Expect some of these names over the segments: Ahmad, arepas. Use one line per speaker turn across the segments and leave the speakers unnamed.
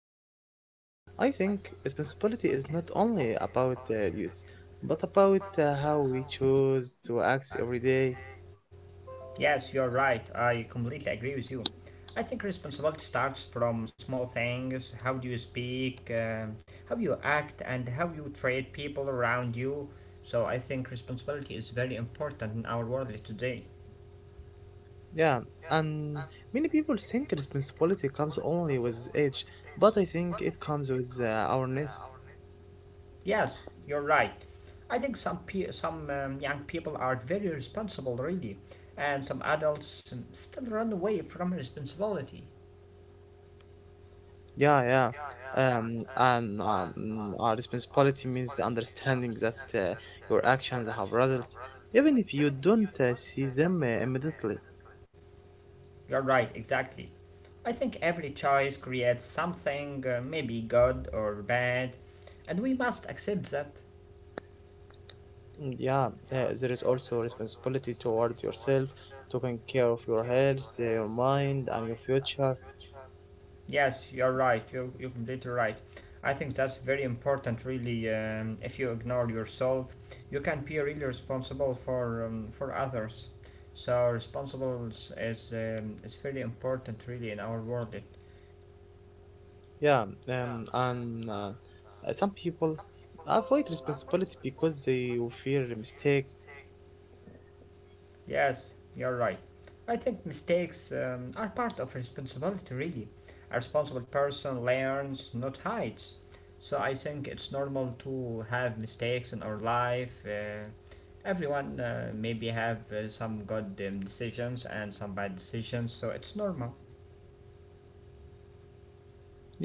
responsibility. I think responsibility is not only about use, but about how we choose to act every day.
Yes, you're right. I completely agree with you. I think responsibility starts from small things how do you speak, how you act, and how you treat people around you. So I think responsibility is very important in our world today.
Yeah, and many people think responsibility comes only with age, but I think it comes with awareness.
Yes, you're right. I think some young people are very responsible already, and some adults still run away from responsibility.
Yeah, yeah. And Our responsibility means understanding that your actions have results, even if you don't see them immediately.
You're right, exactly. I think every choice creates something, maybe good or bad, and we must accept that.
Yeah, there is also responsibility toward yourself, taking care of your health, your mind, and your future.
Yes, you're right, you're completely right. I think that's very important, really. If you ignore yourself, you can be really responsible for for others. So, responsible is very important, really, in our world.
Yeah, and some people avoid responsibility because they will fear the mistake.
Yes, you're right. I think mistakes are part of responsibility, really. A responsible person learns, not hides. So I think it's normal to have mistakes in our life. Everyone maybe have some good decisions and some bad decisions, so it's normal.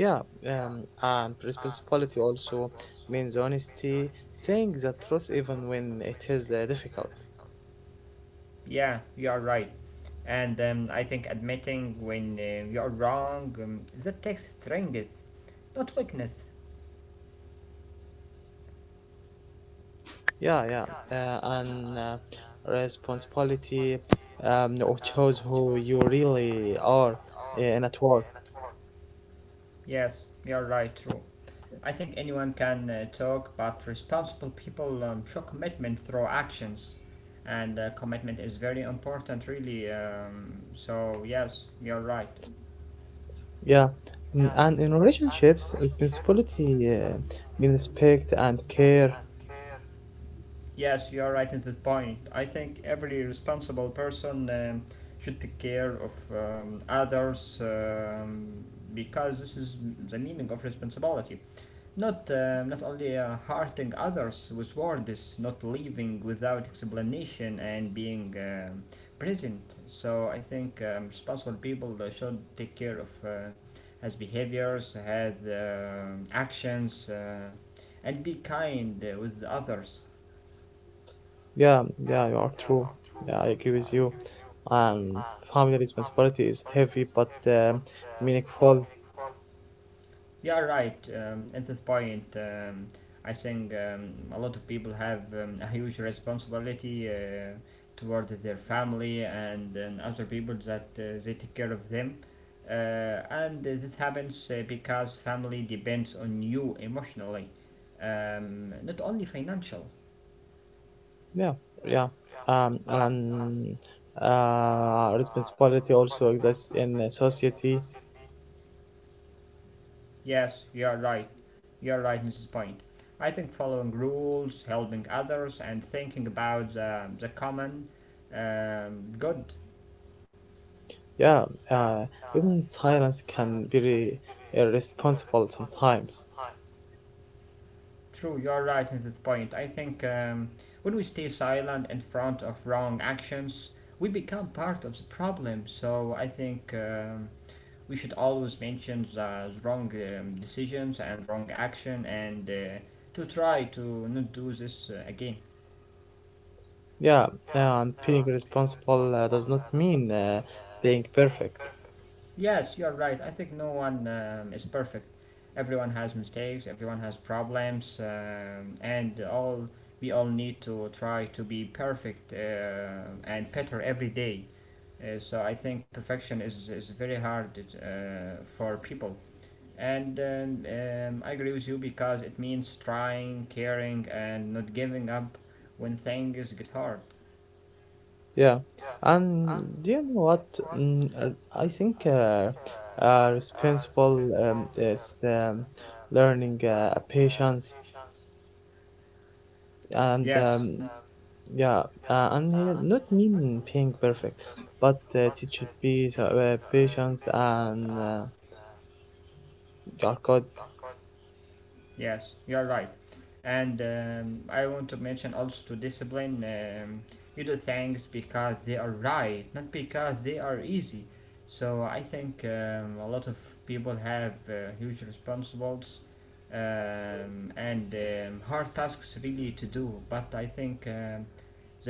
Yeah, and responsibility also means honesty, saying the truth even when it is difficult.
Yeah, you are right. And I think admitting when you are wrong, that takes strength, not weakness.
Yeah, yeah, and responsibility um, shows who you really are in at work.
Yes, you are right, true. I think anyone can talk, but responsible people show commitment through actions, and commitment is very important, really. So yes, you're right.
Yeah. And in relationships, responsibility means respect and care.
Yes, you are right at that point. I think every responsible person should take care of others because this is the meaning of responsibility. Not only hurting others with words, not leaving without explanation and being present. So I think responsible people should take care of his behaviors, his actions. And be kind with the others.
Yeah, yeah, you are true. Yeah, I agree with you. Um, Family responsibility is heavy but meaningful.
Yeah, right. At this point, I think a lot of people have a huge responsibility toward their family and other people that they take care of them. Uh, and this happens because family depends on you emotionally, not only financial.
Yeah, yeah. And Responsibility also exists in society.
Yes, you are right. You are right in this point. I think following rules, helping others, and thinking about the common good.
Yeah, uh, even silence can be irresponsible sometimes.
True, you're right in this point. I think when we stay silent in front of wrong actions, we become part of the problem. So I think we should always mention the wrong decisions and wrong action and to try to not do this again.
Yeah, and being responsible does not mean being perfect.
Yes, you're right. I think no one is perfect. Everyone has mistakes, everyone has problems, and all we all need to try to be perfect and better every day. So I think perfection is very hard for people. And I agree with you because it means trying, caring, and not giving up when things get hard.
Yeah, and do you know what? I think responsible is learning patience and
Yes.
Yeah, and here, not mean being perfect, but teach it be the, patience and you are good.
Yes, you are right. And I want to mention also to discipline. You do things because they are right, not because they are easy. So I think a lot of people have huge responsibilities and hard tasks really to do. But I think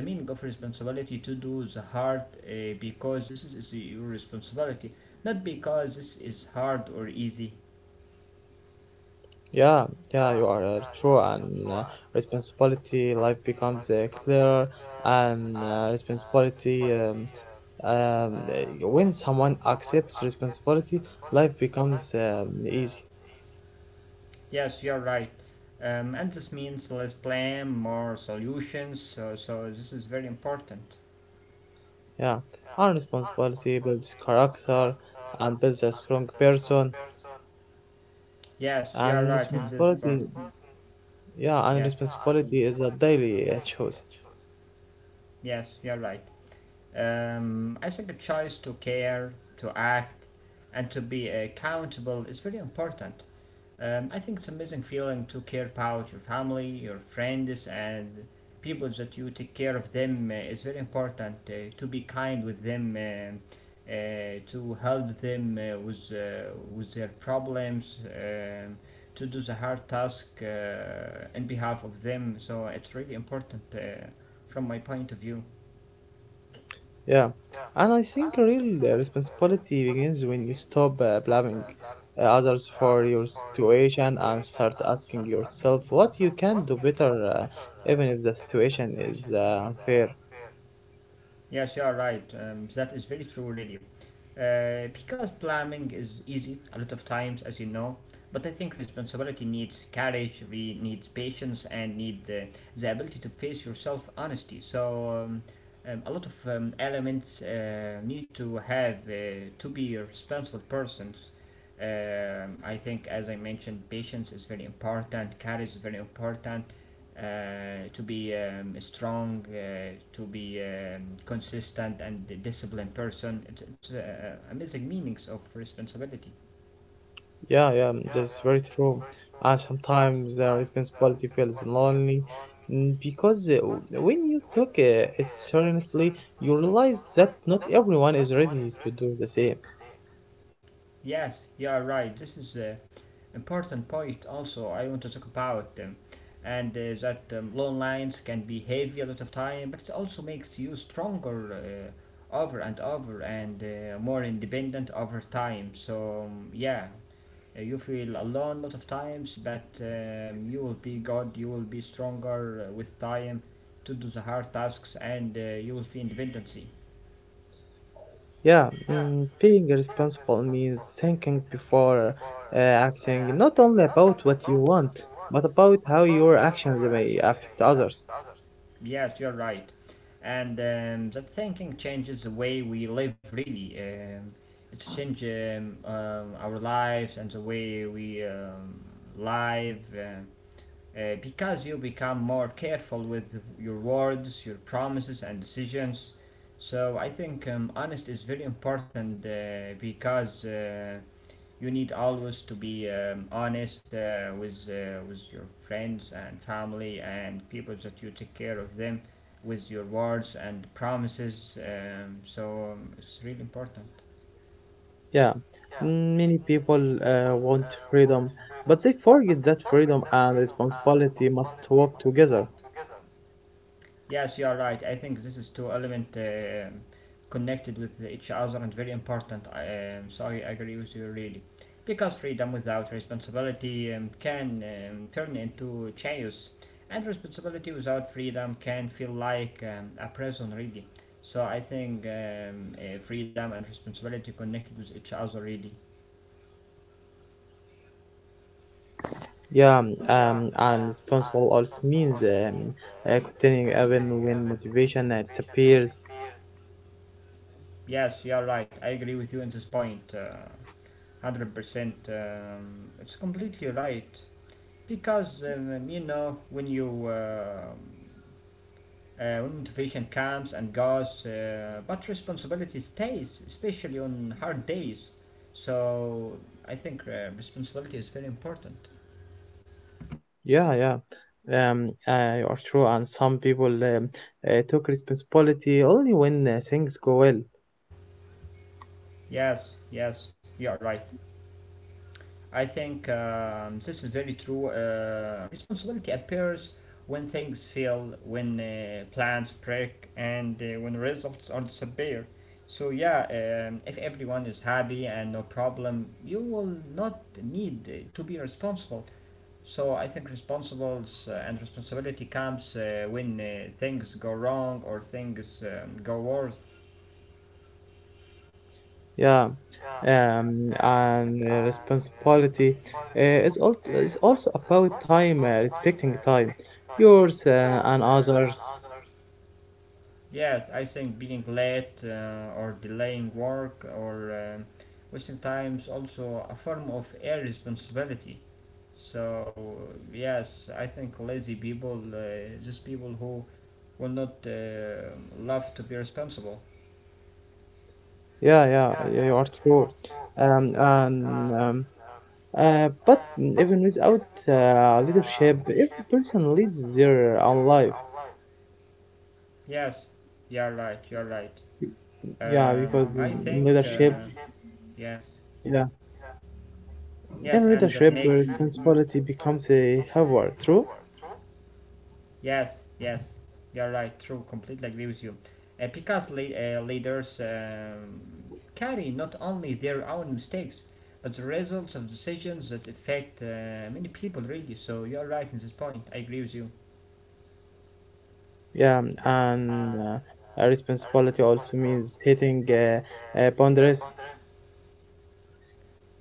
the meaning of responsibility to do the hard because is your responsibility, not because this is hard or easy.
Yeah, yeah, you are true and responsibility. Life becomes clearer and responsibility. When someone accepts responsibility, life becomes easy.
Yes, you're right. And this means less blame, more solutions. So this is very important.
Yeah, and responsibility builds character and builds a strong person.
Yes, you're
And
right in this part.
responsibility. Yeah, and
Yes,
responsibility is a daily choice.
yes, you're right. I think a choice to care, to act, and to be accountable is very important. I think it's an amazing feeling to care about your family, your friends, and people that you take care of them. It's very important to be kind with them, to help them uh, with with their problems, to do the hard task in behalf of them. So it's really important from my point of view.
Yeah, and I think real responsibility begins when you stop blaming others for your situation and start asking yourself what you can do better, even if the situation is unfair.
Yes, you are right. That is very true, really. Because planning is easy a lot of times, as you know, but I think responsibility needs courage, we needs patience, and need the ability to face yourself honesty. So a lot of elements need to have to be a responsible persons. I think, as I mentioned, patience is very important, courage is very important, to be strong, to be consistent and disciplined person. It's amazing meanings of responsibility.
Yeah, yeah, that's very true. And sometimes the responsibility feels lonely, because when you took it seriously, you realize that not everyone is ready to do the same.
Yes, you are right. This is an important point also I want to talk about them. And that long lines can be heavy a lot of time, but it also makes you stronger over and over and more independent over time. So you feel alone a lot of times, but you will be good, you will be stronger with time to do the hard tasks, and you will feel independency.
Yeah, being responsible means thinking before acting, not only about what you want, but about how your actions may affect others.
Yes, you're right. And that thinking changes the way we live, really. It's changed our lives and the way we live because you become more careful with your words, your promises, and decisions. So I think honest is very important because you need always to be honest uh, with with your friends and family and people that you take care of them with your words and promises so it's really important.
Yeah, many people want freedom, but they forget that freedom and responsibility must work together.
Yes, you are right. I think this is two element connected with each other and very important. So I agree with you really, because freedom without responsibility can turn into chaos, and responsibility without freedom can feel like a prison really. So I think freedom and responsibility connected with each other really.
Yeah, and responsible also means continuing even when motivation disappears.
Yes, you are right. I agree with you in this point. 100%. It's completely right. Because you know when you when motivation comes and goes, but responsibility stays, especially on hard days. So I think responsibility is very important.
Yeah, yeah. You are true, and some people took responsibility only when things go well.
Yes, you are right. I think this is very true. Responsibility appears when things fail, when plans break, and when results are disappear. So yeah, if everyone is happy and no problem, you will not need to be responsible. So I think responsibles and responsibility comes when things go wrong or things go worse.
Yeah, and responsibility uh, is, is also about time, respecting time, yours and others.
Yeah, I think being late or delaying work or wasting time is also a form of irresponsibility. So, yes, I think lazy people, just people who will not love to be responsible.
Yeah, yeah, yeah, you are true. And But even without leadership, every person leads their own life.
Yes, you're right.
Yeah, because
I think,
leadership.
yes, yes,
In
and that
readership,
makes
responsibility becomes a heavier, true?
yes, you're right. True, completely agree with you. Because leaders carry not only their own mistakes, but the results of decisions that affect many people, really. So you're right in this point. I agree with you.
Yeah, and responsibility also means hitting boundaries.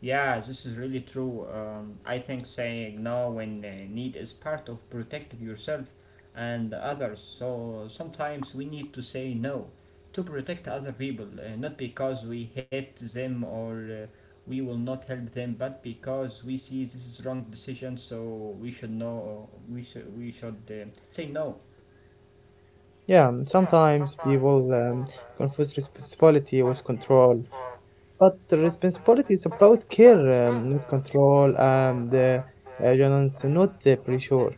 Yeah, this is really true. I think saying no when need is part of protecting yourself and others. So sometimes we need to say no to protect other people, not because we hate them or uh, we will not help them, but because we see this is wrong decision. So we should know. We should say no.
Yeah, sometimes people confuse responsibility with control, but the responsibility is about care, not control, and you not pressure.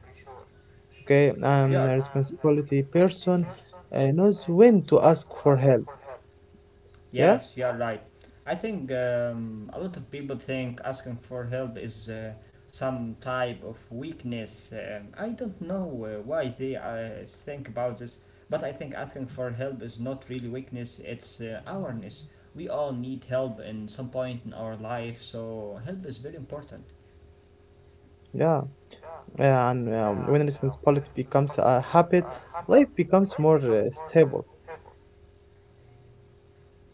Okay, a responsibility person knows when to ask for help. Yeah,
Yes, you are right. I think a lot of people think asking for help is some type of weakness. I don't know why they think about this, but I think asking for help is not really weakness, it's awareness. We all need help in some point in our life, so help is very important.
yeah. Yeah, and when responsibility becomes a habit, life becomes more stable.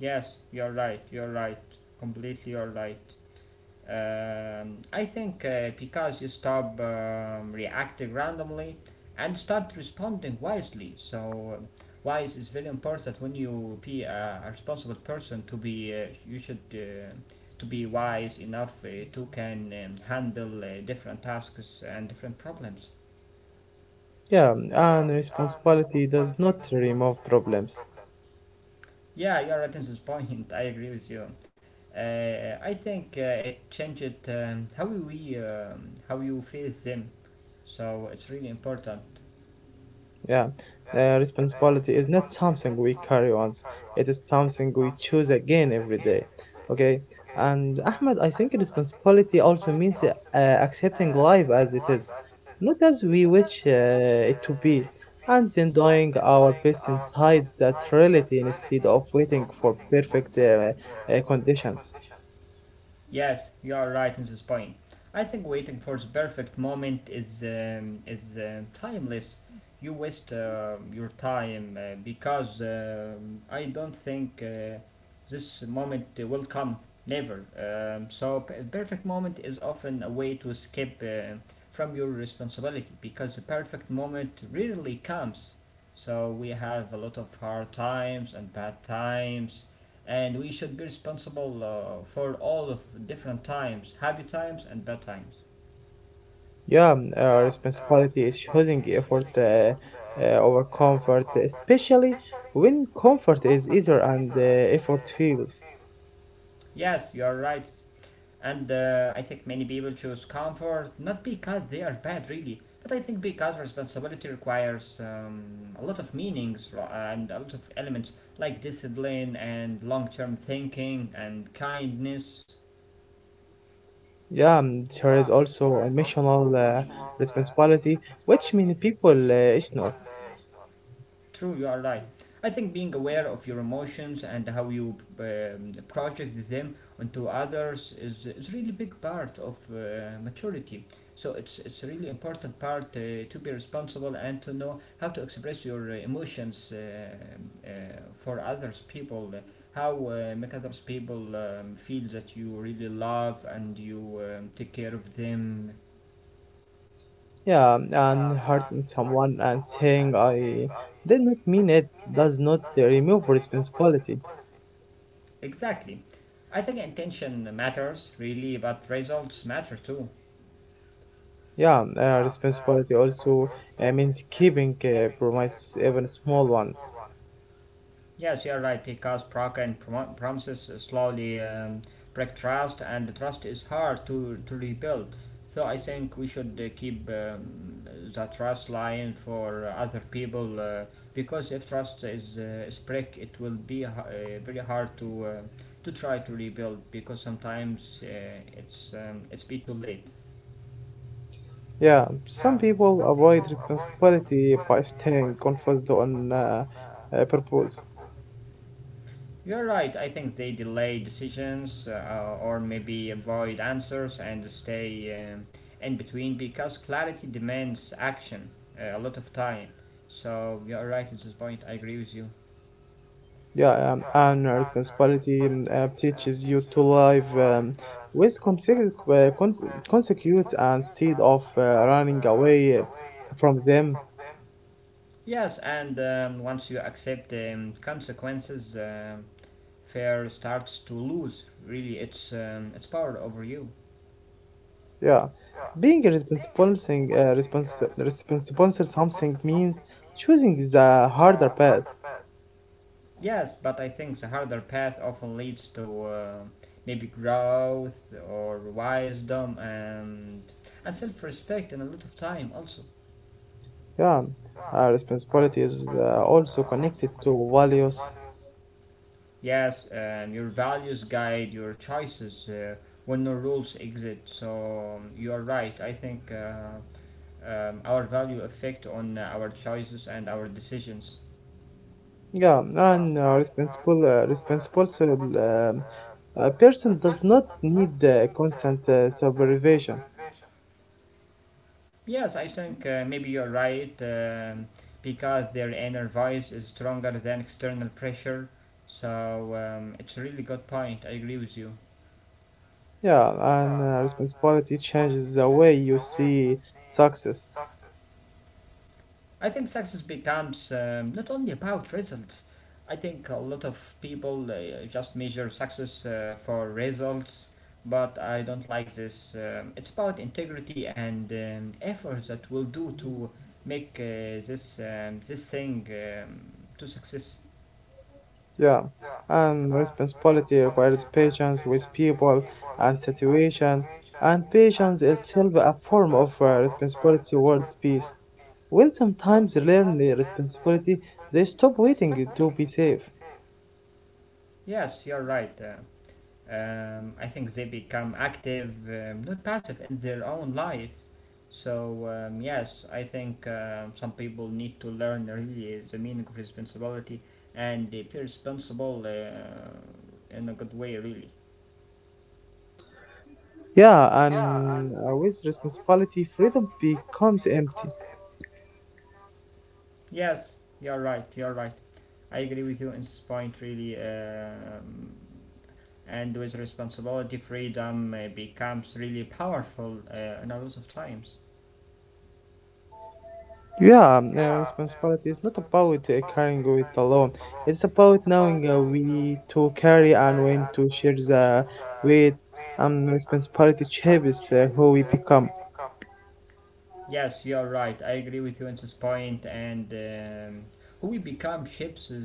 You're right, completely you're right. I think because you stop reacting randomly and start responding wisely. So, wise is very important when you be a responsible person to be. You should to be wise enough to can handle different tasks and different problems.
Yeah, and responsibility does not remove problems.
Yeah, you're right on this point. I agree with you. I think it changed how you feel them. So it's really important.
Yeah, the responsibility is not something we carry once, it is something we choose again every day. Okay, and Ahmed, I think responsibility also means accepting life as it is, not as we wish it to be, and then doing our best inside that reality instead of waiting for perfect conditions.
Yes, you are right on this point. I think waiting for the perfect moment is timeless. You waste your time because I don't think this moment will come never. So perfect moment is often a way to escape from your responsibility because the perfect moment rarely comes. So we have a lot of hard times and bad times, and we should be responsible for all of different times, happy times and bad times.
Yeah, responsibility is choosing effort over comfort, especially when comfort is easier and effort feels.
Yes, you are right. And I think many people choose comfort not because they are bad, really, but I think because responsibility requires a lot of meanings and a lot of elements like discipline and long-term thinking and kindness.
Yeah, there is also emotional responsibility, which many people ignore.
True, you are right. I think being aware of your emotions and how you project them onto others is really big part of maturity. So it's a really important part to be responsible and to know how to express your emotions, for others people, how make others people feel that you really love and you take care of them.
Yeah, and hurting someone and saying I did not mean it does not remove responsibility.
Exactly. I think intention matters, really, but results matter too.
Yeah, responsibility also means keeping promise, even small ones.
Yes, you're right, because broken promises slowly break trust, and trust is hard to rebuild. So I think we should keep the trust line for other people, because if trust is break, it will be very hard to try to rebuild, because sometimes it's be too late.
Yeah, some people avoid responsibility by staying confused on purpose.
You're right. I think they delay decisions or maybe avoid answers and stay in between because clarity demands action a lot of time. So you're right at this point. I agree with you.
Yeah, and responsibility teaches you to live with consequences, instead of running away from them.
Yes, and once you accept consequences, fear starts to lose really its power over you.
Yeah, being a responsible thing, responsible something means choosing the harder path.
Yes, but I think the harder path often leads to maybe growth or wisdom and self-respect and a lot of time also.
Yeah, responsibility is also connected to values.
Yes, your values guide your choices when no rules exist. So you are right. I think our value affect on our choices and our decisions.
Yeah, and responsible a person does not need constant supervision.
Yes, I think maybe you're right, because their inner voice is stronger than external pressure. So it's a really good point. I agree with you.
Yeah, and responsibility changes the way you see success.
I think success becomes not only about results. I think a lot of people just measure success for results, but I don't like this. It's about integrity and effort that will do to make this this thing to success.
Yeah, and responsibility requires patience with people and situation, and patience itself a form of responsibility towards peace. When sometimes they learn the responsibility, they stop waiting to be safe.
Yes, you're right. I think they become active, not passive, in their own life. So, yes, I think some people need to learn really the meaning of responsibility and be responsible in a good way, really.
Yeah, and with responsibility, freedom becomes empty.
Yes, you're right, you're right. I agree with you in this point, really. And with responsibility, freedom becomes really powerful in a lot of times.
Yeah, responsibility is not about carrying it alone. It's about knowing we to carry and when to share the weight. Responsibility shapes who we become.
Yes, you're right. I agree with you on this point. And who we become shapes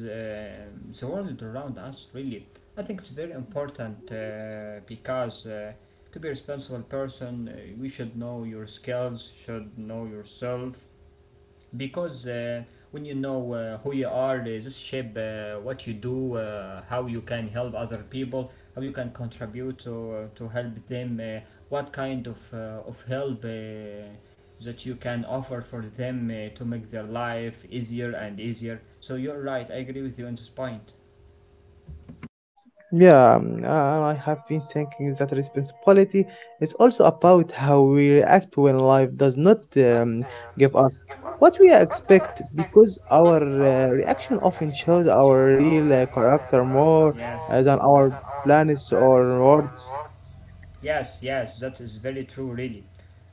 the world around us, really. I think it's very important because to be a responsible person, we should know your skills, should know yourself, because when you know who you are, this shape, what you do, how you can help other people, how you can contribute to help them, what kind of help that you can offer for them to make their life easier and easier. So you're right, I agree with you on this point.
Yeah, I have been thinking that responsibility is also about how we react when life does not give us what we expect, because our reaction often shows our real character more
Yes.
than our plans or words.
Yes, yes, that is very true, really.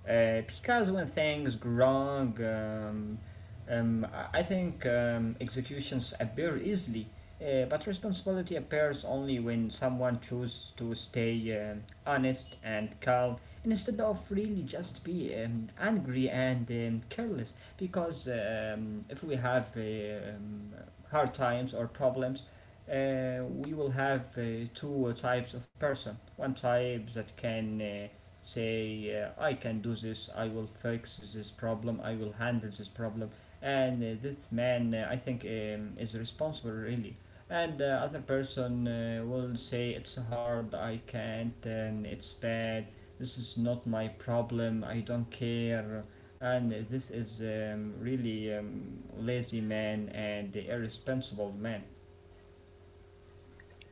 Because when things go wrong, I think executions appear easily, but responsibility appears only when someone chooses to stay honest and calm instead of really just be angry and careless. Because if we have um, hard times or problems, we will have two types of person. One type that can say, I can do this, I will fix this problem, I will handle this problem. And this man, I think, is responsible, really. And the other person will say, it's hard, I can't, and it's bad, this is not my problem, I don't care. And this is really lazy man and irresponsible man.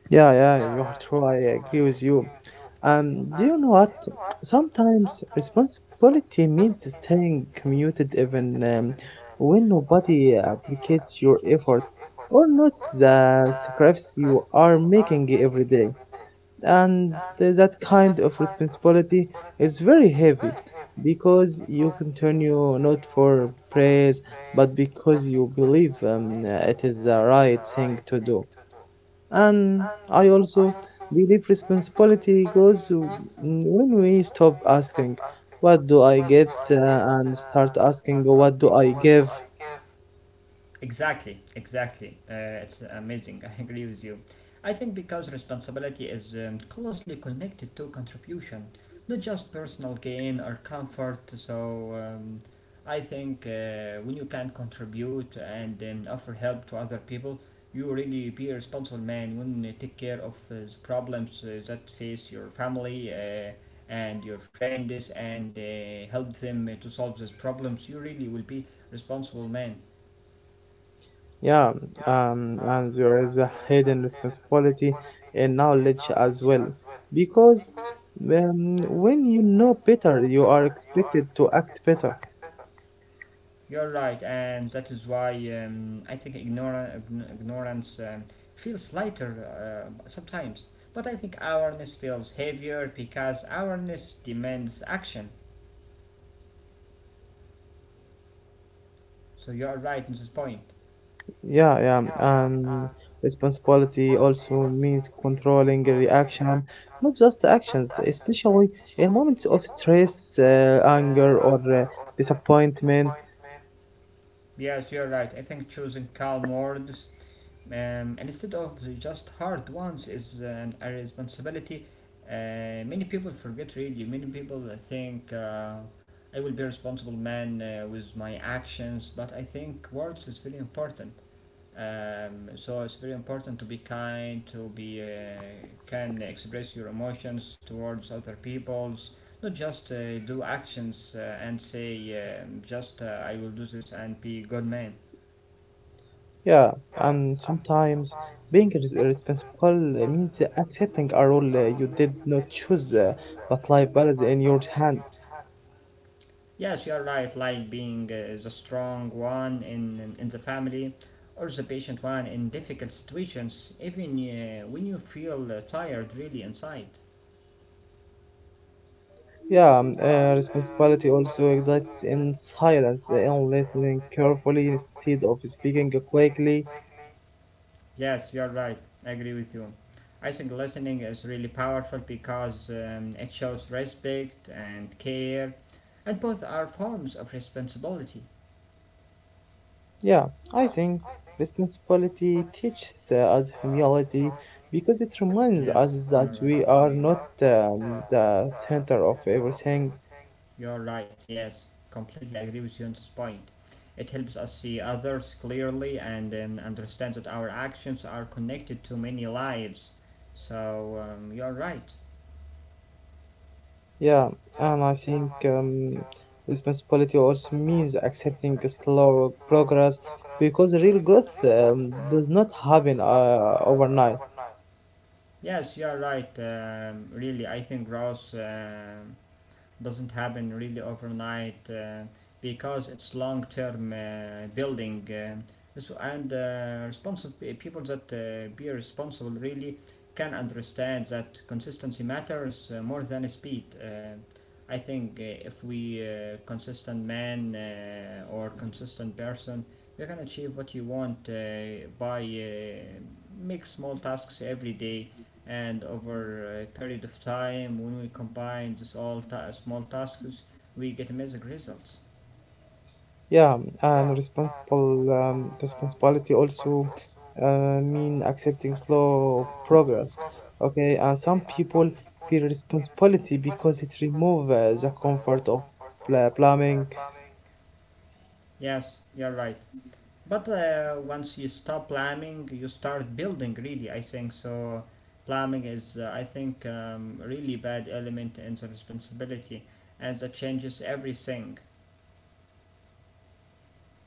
Yeah, yeah, you are true. I agree with you. Do you know what? Sometimes responsibility means staying committed even when nobody appreciates your effort or notes the sacrifice you are making every day. And that kind of responsibility is very heavy because you continue not for praise but because you believe it is the right thing to do. And I also believe responsibility grows when we stop asking, "What do I get?" And start asking, "What do I give?"
Exactly, exactly. It's amazing. I agree with you. I think because responsibility is closely connected to contribution, not just personal gain or comfort. So I think when you can contribute and offer help to other people, you really be a responsible man when you take care of the problems that face your family and your friends and help them to solve those problems. You really will be responsible man.
Yeah, and there is a hidden responsibility in knowledge as well. Because when you know better, you are expected to act better.
You're right, and that is why I think ignorance feels lighter sometimes. But I think awareness feels heavier because awareness demands action. So you're right in this point.
Yeah, yeah. And responsibility also means controlling a reaction, not just actions, especially in moments of stress, uh, anger, or disappointment.
Yes, you're right. I think choosing calm words instead of just hard ones is a responsibility. Many people forget really. Many people think I will be a responsible man with my actions, but I think words is very important. So it's very important to be kind, to be can express your emotions towards other people's, not just do actions and say just I will do this and be a good man.
Yeah, and sometimes being responsible means accepting a role you did not choose, but life is in your hands.
Yes, you're right. Like being the strong one in the family, or the patient one in difficult situations, even when you feel tired, really inside.
Yeah, responsibility also exists in silence, in listening carefully instead of speaking quickly.
Yes, you're right. I agree with you. I think listening is really powerful because it shows respect and care, and both are forms of responsibility.
Yeah, I think responsibility teaches us humility because it reminds us
Yes,
that
you're right.
we are not the center of everything.
You're right, yes. Completely agree with you on this point. It helps us see others clearly and understand that our actions are connected to many lives. So you're right.
Yeah, and I think responsibility also means accepting a slow progress because real growth does not happen overnight.
Yes, you're right. Really, I think growth doesn't happen really overnight because it's long-term building. And responsible people that be responsible really can understand that consistency matters more than speed. I think if we consistent man or consistent person, you can achieve what you want by make small tasks every day, and over a period of time when we combine these all small tasks we get amazing results.
Yeah, and responsible responsibility also mean accepting slow progress. Okay, and some people feel responsibility because it removes the comfort of plumbing.
Yes, you're right, but once you stop planning you start building, really, I think so. Planning is I think really bad element in the responsibility, and that changes everything.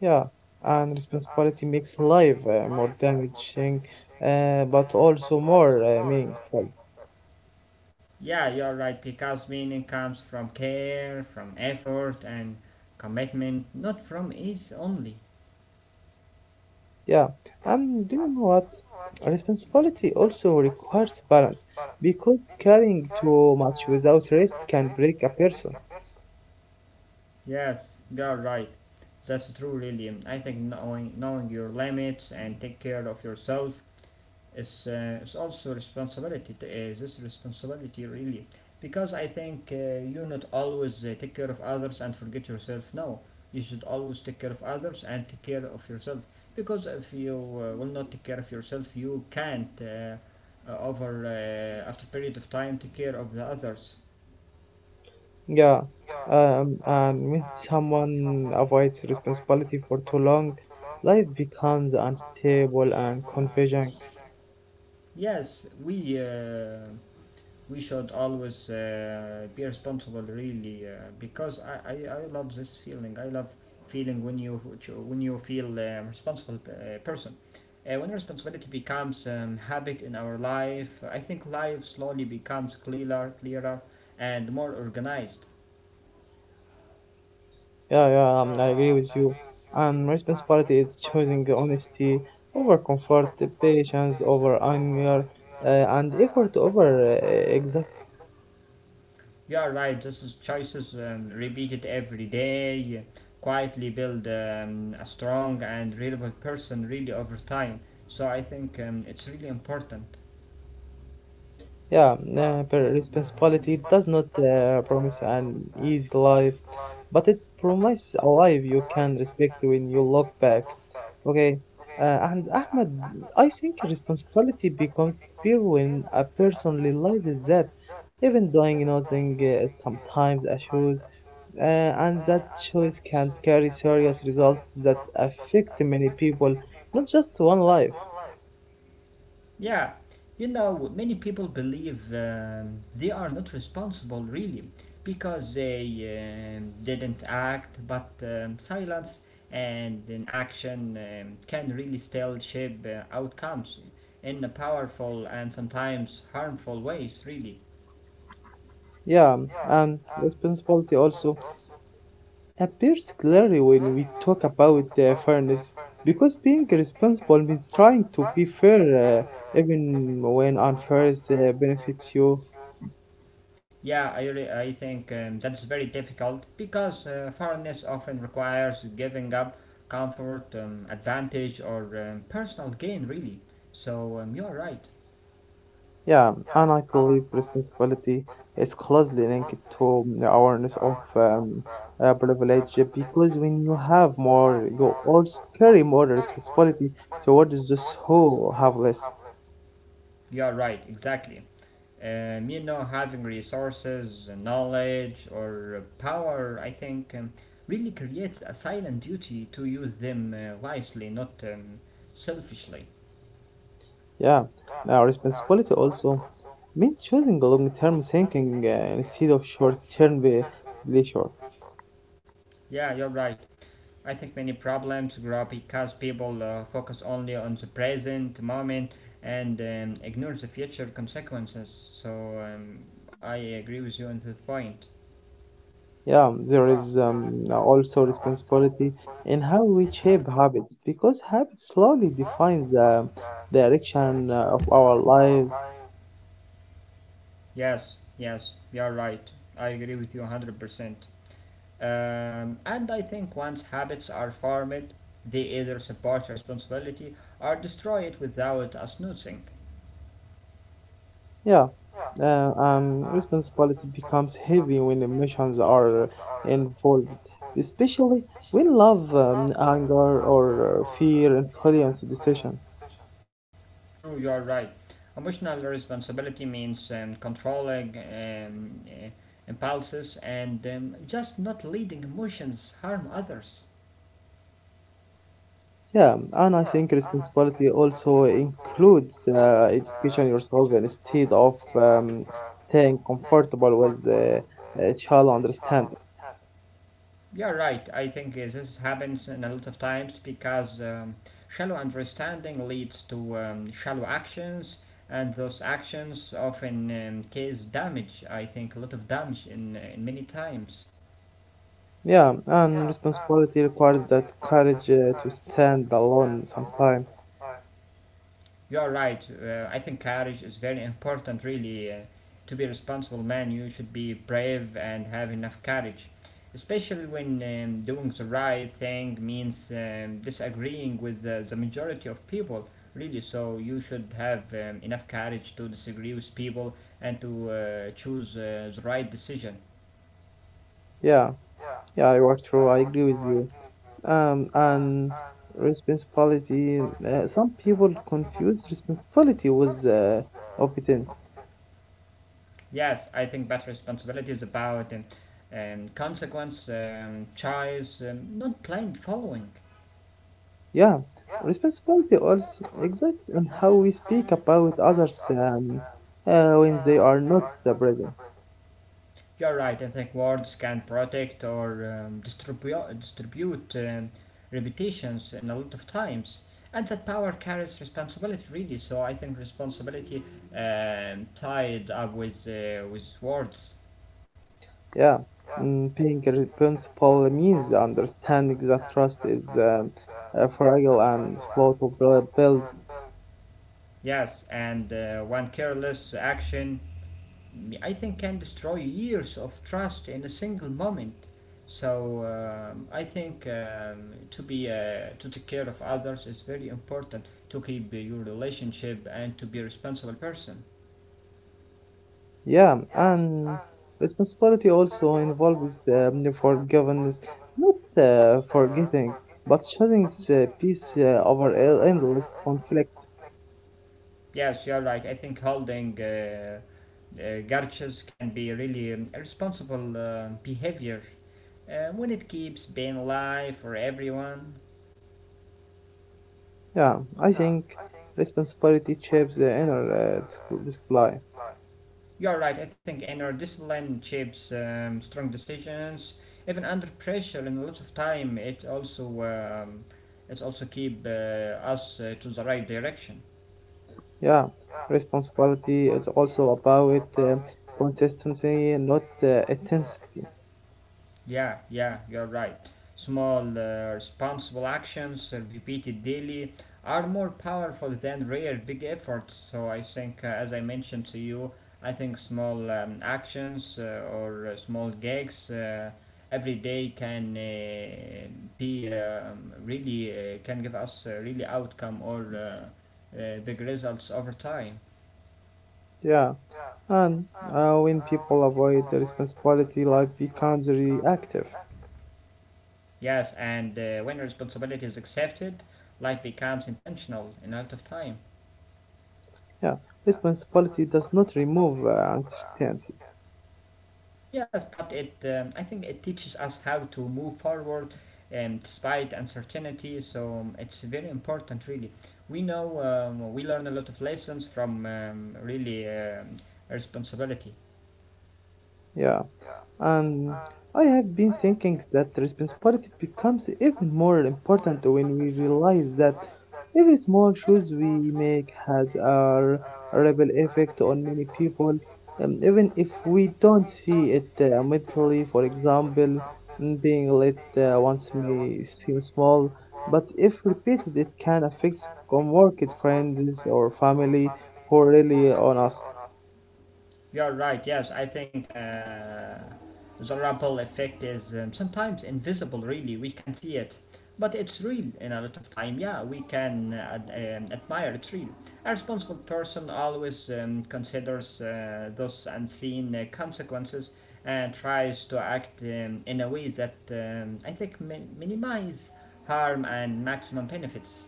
Yeah, and responsibility makes life more damaging, but also more meaningful.
Yeah, you're right, because meaning comes from care, from effort and commitment, not from ease only.
Yeah, and do you know what? Responsibility also requires balance because carrying too much without rest can break a person.
Yes, you're right. That's true, really. I think knowing your limits and take care of yourself is also responsibility. Is this responsibility, really? Because I think you not always take care of others and forget yourself. No, you should always take care of others and take care of yourself. Because if you will not take care of yourself, you can't, over after a period of time, take care of the others.
Yeah, and when someone avoids responsibility for too long, life becomes unstable and confusing.
Yes, we. We should always be responsible, really, because I love this feeling, I love feeling when you feel a responsible person when responsibility becomes a habit in our life. I think life slowly becomes clearer and more organized.
Yeah, yeah, I agree with you. And responsibility is choosing the honesty over comfort, the patience over anger, and effort over uh,
You are right, this is choices repeated every day quietly build a strong and reliable person really over time. So I think it's really important.
Yeah, responsibility does not promise an easy life, but it promises a life you can respect when you look back. Okay, and Ahmed, I think responsibility becomes fear when a person realizes that even doing nothing sometimes a choice, uh, and that choice can carry serious results that affect many people, not just one life.
Yeah, you know, many people believe they are not responsible really because they didn't act, but silence and inaction can really still shape outcomes in a powerful and sometimes harmful ways, really.
Yeah, and responsibility also appears clearly when we talk about fairness because being responsible means trying to be fair even when unfair is, benefits you.
Yeah, I think that's very difficult because foreignness often requires giving up comfort, advantage, or personal gain, really. So you are right.
Yeah, and I believe responsibility is closely linked to the awareness of privilege because when you have more, you also carry more responsibility towards those who have less.
Yeah, right, exactly. You know, having resources, knowledge, or power, I think, really creates a silent duty to use them wisely, not selfishly.
Yeah, now responsibility also means choosing long-term thinking instead of short-term pleasure.
Yeah, you're right. I think many problems grow up because people focus only on the present moment and ignore the future consequences. So I agree with you on this point.
Yeah, there is also responsibility in how we shape habits because habits slowly define the direction of our lives.
Yes, yes, you are right. I agree with you 100%. And I think once habits are formed, they either support responsibility or destroy it without us noticing.
Yeah, responsibility becomes heavy when emotions are involved, especially when love, anger, or fear influence decisions.
True, you are right. Emotional responsibility means controlling impulses and just not letting emotions harm others.
Yeah, and I think responsibility also includes education yourself instead of staying comfortable with the child understand.
Yeah, right. I think this happens in a lot of times because shallow understanding leads to shallow actions, and those actions often cause damage. I think a lot of damage in many times.
Yeah, and responsibility requires that courage to stand alone sometimes.
You are right. I think courage is very important, really. To be a responsible man, you should be brave and have enough courage. Especially when doing the right thing means disagreeing with the majority of people, really. So you should have enough courage to disagree with people and to choose the right decision.
Yeah, yeah, I work through. I agree with you. And responsibility. Some people confuse responsibility with obedience.
Yes, I think that responsibility is about consequence, choice, not blind following.
Yeah, responsibility also exists in how we speak about others when they are not the present.
You're right. I think words can protect or distribute reputations in a lot of times, and that power carries responsibility. Really, so I think responsibility tied up with words.
Yeah, being responsible means understanding that trust is fragile and slow to build.
Yes, and one careless action I think can destroy years of trust in a single moment. So I think to be to take care of others is very important to keep your relationship and to be a responsible person.
Yeah, and responsibility also involves forgiveness, not forgetting, but choosing peace over endless conflict.
Yes, you're right. I think holding grudges can be really irresponsible behavior when it keeps being alive for everyone.
Yeah, I think responsibility shapes the inner display.
You're right, I think inner discipline shapes strong decisions. Even under pressure and a lot of time, it also keep us to the right direction.
Yeah, responsibility is also about consistency, not intensity.
Yeah, yeah, you're right. Small, responsible actions repeated daily are more powerful than rare big efforts. So I think, as I mentioned to you, I think small actions or small gigs every day can be really can give us really outcome or big results over time.
Yeah, and when people avoid the responsibility, life becomes reactive.
Yes, and when responsibility is accepted, life becomes intentional in a lot of time.
Yeah, responsibility does not remove uncertainty.
Yes, but it I think it teaches us how to move forward despite uncertainty. So it's very important, really. We know we learn a lot of lessons from really responsibility.
Yeah. Um, I have been thinking that responsibility becomes even more important when we realize that every small choice we make has a ripple effect on many people, even if we don't see it immediately. For example, being late once may seem small, but if repeated, it can affect coworkers, friends, or family who rely on us.
You're right. Yes, I think the ripple effect is sometimes invisible. Really, we can see it, but it's real in a lot of time. Yeah, we can admire it's real. A responsible person always considers those unseen consequences and tries to act in a way that I think minimize harm and maximum benefits.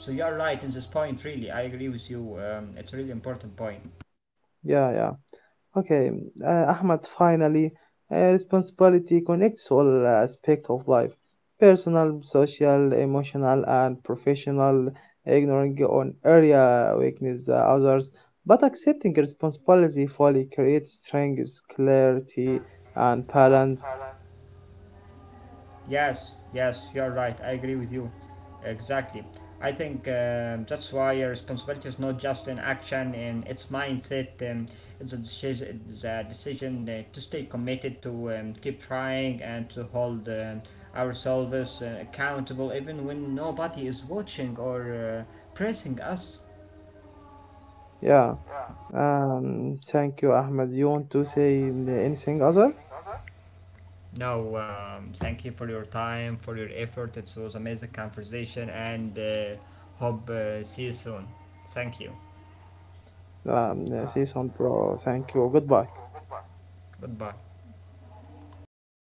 So you're right in this point. Really, I agree with you. It's a really important point.
Yeah, yeah. Okay, Ahmad, finally, responsibility connects all aspects of life personal, social, emotional, and professional, ignoring on area weakness others. But accepting responsibility fully creates strength, clarity, and balance.
Yes, yes, you're right. I agree with you. Exactly. I think that's why your responsibility is not just in action in it's mindset. It's a decision, the decision to stay committed, to keep trying, and to hold ourselves accountable even when nobody is watching or pressing us.
Yeah, thank you, Ahmad. You want to say anything other?
No, thank you for your time, for your effort. It was amazing conversation, and hope see you soon. Thank you.
Say some, bro. Thank you. Goodbye.
Goodbye.